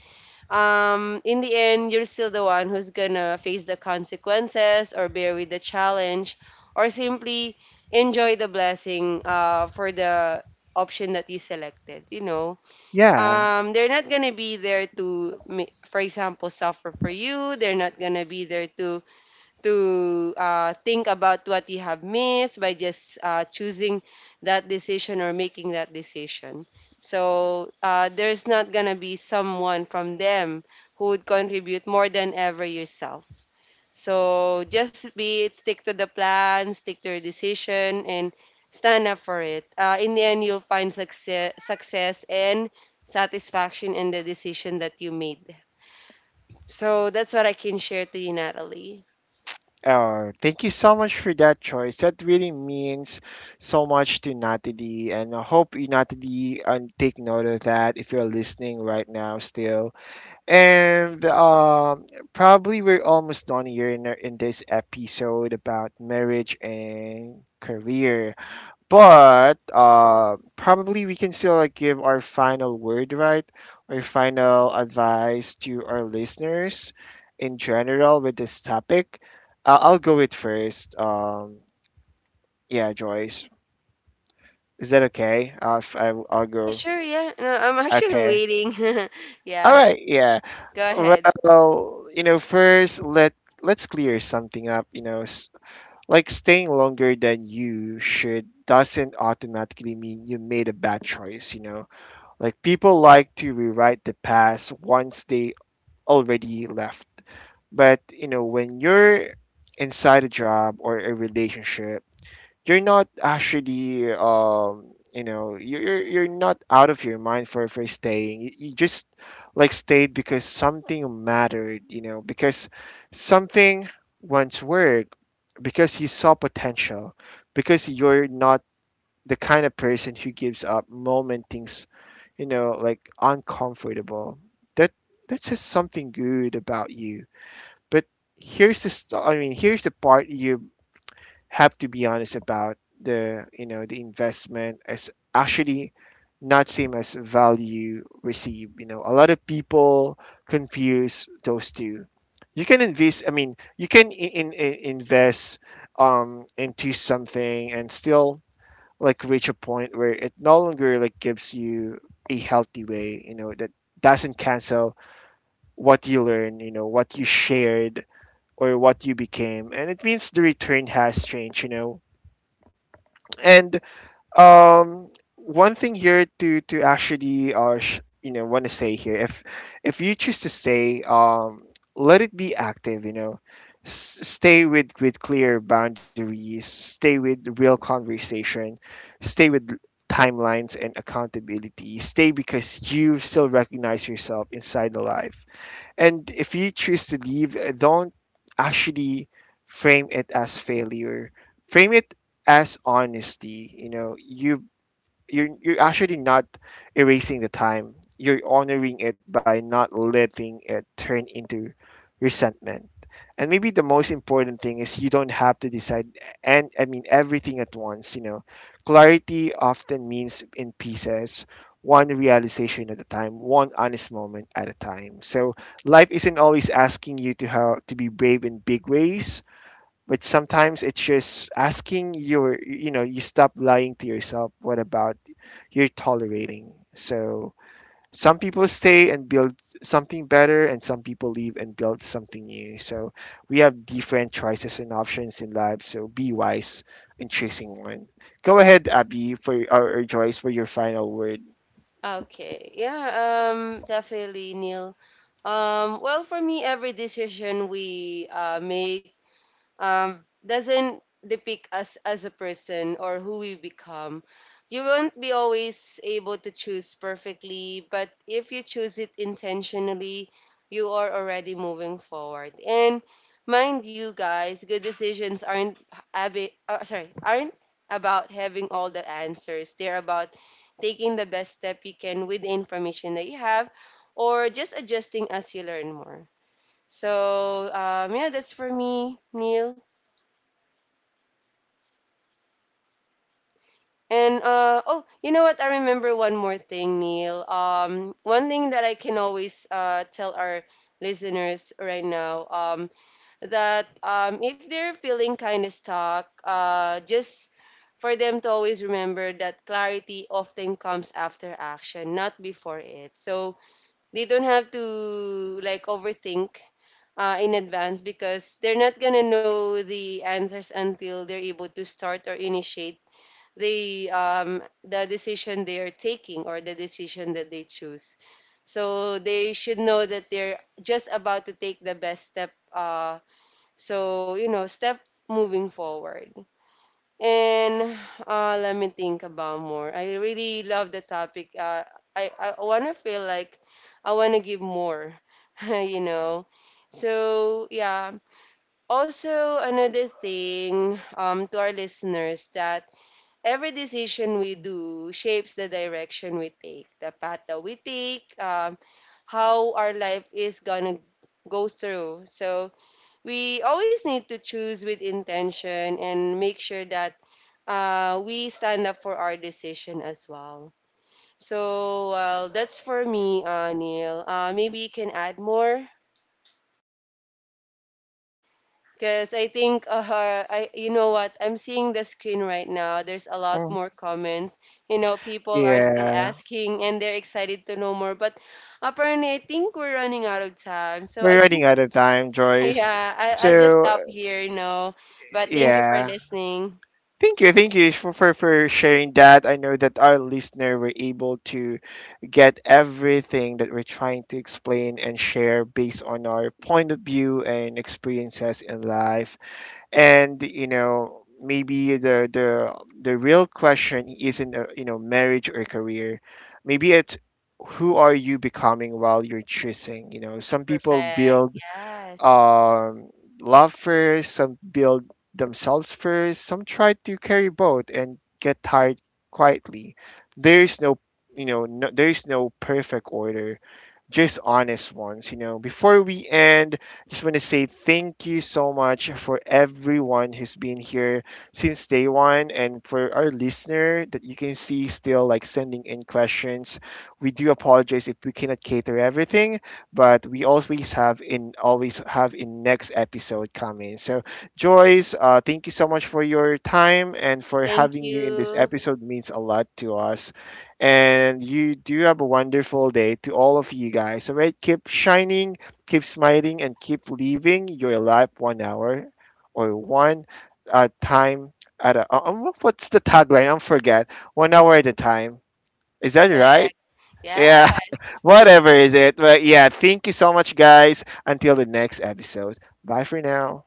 Speaker 2: in the end, you're still the one who's gonna face the consequences or bear with the challenge or simply enjoy the blessing for the option that you selected, you know.
Speaker 1: Yeah.
Speaker 2: They're not gonna be there to for example suffer for you. They're not gonna be there to think about what you have missed by just choosing that decision or making that decision. So there's not gonna be someone from them who would contribute more than ever yourself. So just be it, stick to the plan, stick to your decision, and stand up for it. In the end, you'll find success, and satisfaction in the decision that you made. So that's what I can share to you, Natalie.
Speaker 1: Thank you so much for that choice. That really means so much to Natalie, and I hope you, Natalie, take note of that if you're listening right now still. And probably we're almost done here in this episode about marriage and career. But probably we can still like give our final word, right? Our final advice to our listeners in general with this topic. I'll go with first. Yeah, Joyce, is that okay? If I'll
Speaker 2: Ah,
Speaker 1: go.
Speaker 2: sure, yeah. No, I'm actually
Speaker 1: Okay.
Speaker 2: waiting.
Speaker 1: All
Speaker 2: Yeah,
Speaker 1: right. Yeah.
Speaker 2: go ahead.
Speaker 1: Well, you know, first let's clear something up. You know, like staying longer than you should doesn't automatically mean you made a bad choice. You know. Like people like to rewrite the past once they already left. But you know, when you're inside a job or a relationship, you're not actually, you know you're not out of your mind for staying. You just like stayed because something mattered. You know, because something once worked, because you saw potential, because you're not the kind of person who gives up moment things, you know, like uncomfortable. That that says something good about you. But I mean, here's the part you have to be honest about. The you know the investment as actually not same as value received. You know, a lot of people confuse those two. You can invest. I mean, you can invest um, into something and still like reach a point where it no longer like gives you a healthy way. You know, that doesn't cancel what you learn, you know, what you shared or what you became. And it means the return has changed, you know. And um, one thing here to actually want to say here, if you choose to stay, let it be active. You know, stay with clear boundaries, stay with real conversation, stay with timelines and accountability. Stay because you still recognize yourself inside the life. And if you choose to leave, don't actually frame it as failure. Frame it as honesty. You know, you're actually not erasing the time. You're honoring it by not letting it turn into resentment. And maybe the most important thing is you don't have to decide, and I mean, everything at once, you know. Clarity often means in pieces, one realization at a time, one honest moment at a time. So life isn't always asking you to how to be brave in big ways, but sometimes it's just asking your, you stop lying to yourself what about you're tolerating. So some people stay and build something better, and some people leave and build something new. So we have different choices and options in life. So be wise in choosing one. Go ahead, Abby, for, or Joyce, for your final word.
Speaker 2: Okay. Yeah, definitely, Neil. Well, for me, every decision we make, doesn't depict us as a person or who we become. You won't be always able to choose perfectly, but if you choose it intentionally, you are already moving forward. And mind you, guys, good decisions aren't abi- sorry aren't about having all the answers. They're about taking the best step you can with the information that you have, or just adjusting as you learn more. So yeah, that's for me, Neil. And oh, you know what? I remember one more thing, Neil. One thing that I can always tell our listeners right now, that if they're feeling kind of stuck, just for them to always remember that clarity often comes after action, not before it. So they don't have to like overthink in advance because they're not gonna know the answers until they're able to start or initiate the decision they are taking or the decision that they choose. So they should know that they're just about to take the best step, so you know, step moving forward. And let me think about more. I really love the topic. I want to feel like I want to give more. You know, so yeah, also another thing, to our listeners, that every decision we do shapes the direction we take, the path that we take, how our life is gonna go through. So we always need to choose with intention and make sure that we stand up for our decision as well. So well, that's for me, Neil. Maybe you can add more. Because I think, you know what? I'm seeing the screen right now. There's a lot
Speaker 1: Mm.
Speaker 2: more comments. You know, people are still
Speaker 1: Yeah,
Speaker 2: asking and they're excited to know more. But apparently, I think we're running out of time. So I
Speaker 1: we're
Speaker 2: think,
Speaker 1: running out of time, Joyce,
Speaker 2: yeah, I'll just
Speaker 1: so.
Speaker 2: stop here, you know. But thank you for
Speaker 1: Yeah,
Speaker 2: listening.
Speaker 1: thank you, thank you for sharing that. I know that our listener were able to get everything that we're trying to explain and share based on our point of view and experiences in life. And you know, maybe the real question isn't, marriage or career. Maybe it's who are you becoming while you're choosing. You know, some people
Speaker 2: Perfect.
Speaker 1: build,
Speaker 2: Yes.
Speaker 1: um, love first, some build themselves first, some try to carry both and get tired quietly. There is no, there is no perfect order, just honest ones, you know. Before we end, just want to say thank you so much for everyone who's been here since day one and for our listener that you can see still like sending in questions. We do apologize if we cannot cater everything, but we always have in next episode coming. So Joyce, thank you so much for your time, and for
Speaker 2: Thank
Speaker 1: having you in this
Speaker 2: you.
Speaker 1: episode means a lot to us. And you do have a wonderful day to all of you guys. All right, keep shining, keep smiling, and keep living your life one hour or one, time at a. What's the tagline? I forget. One hour at a time. Is that
Speaker 2: Perfect.
Speaker 1: right? Yeah,
Speaker 2: Yes.
Speaker 1: whatever is it. But yeah, thank you so much, guys. Until the next episode. Bye for now.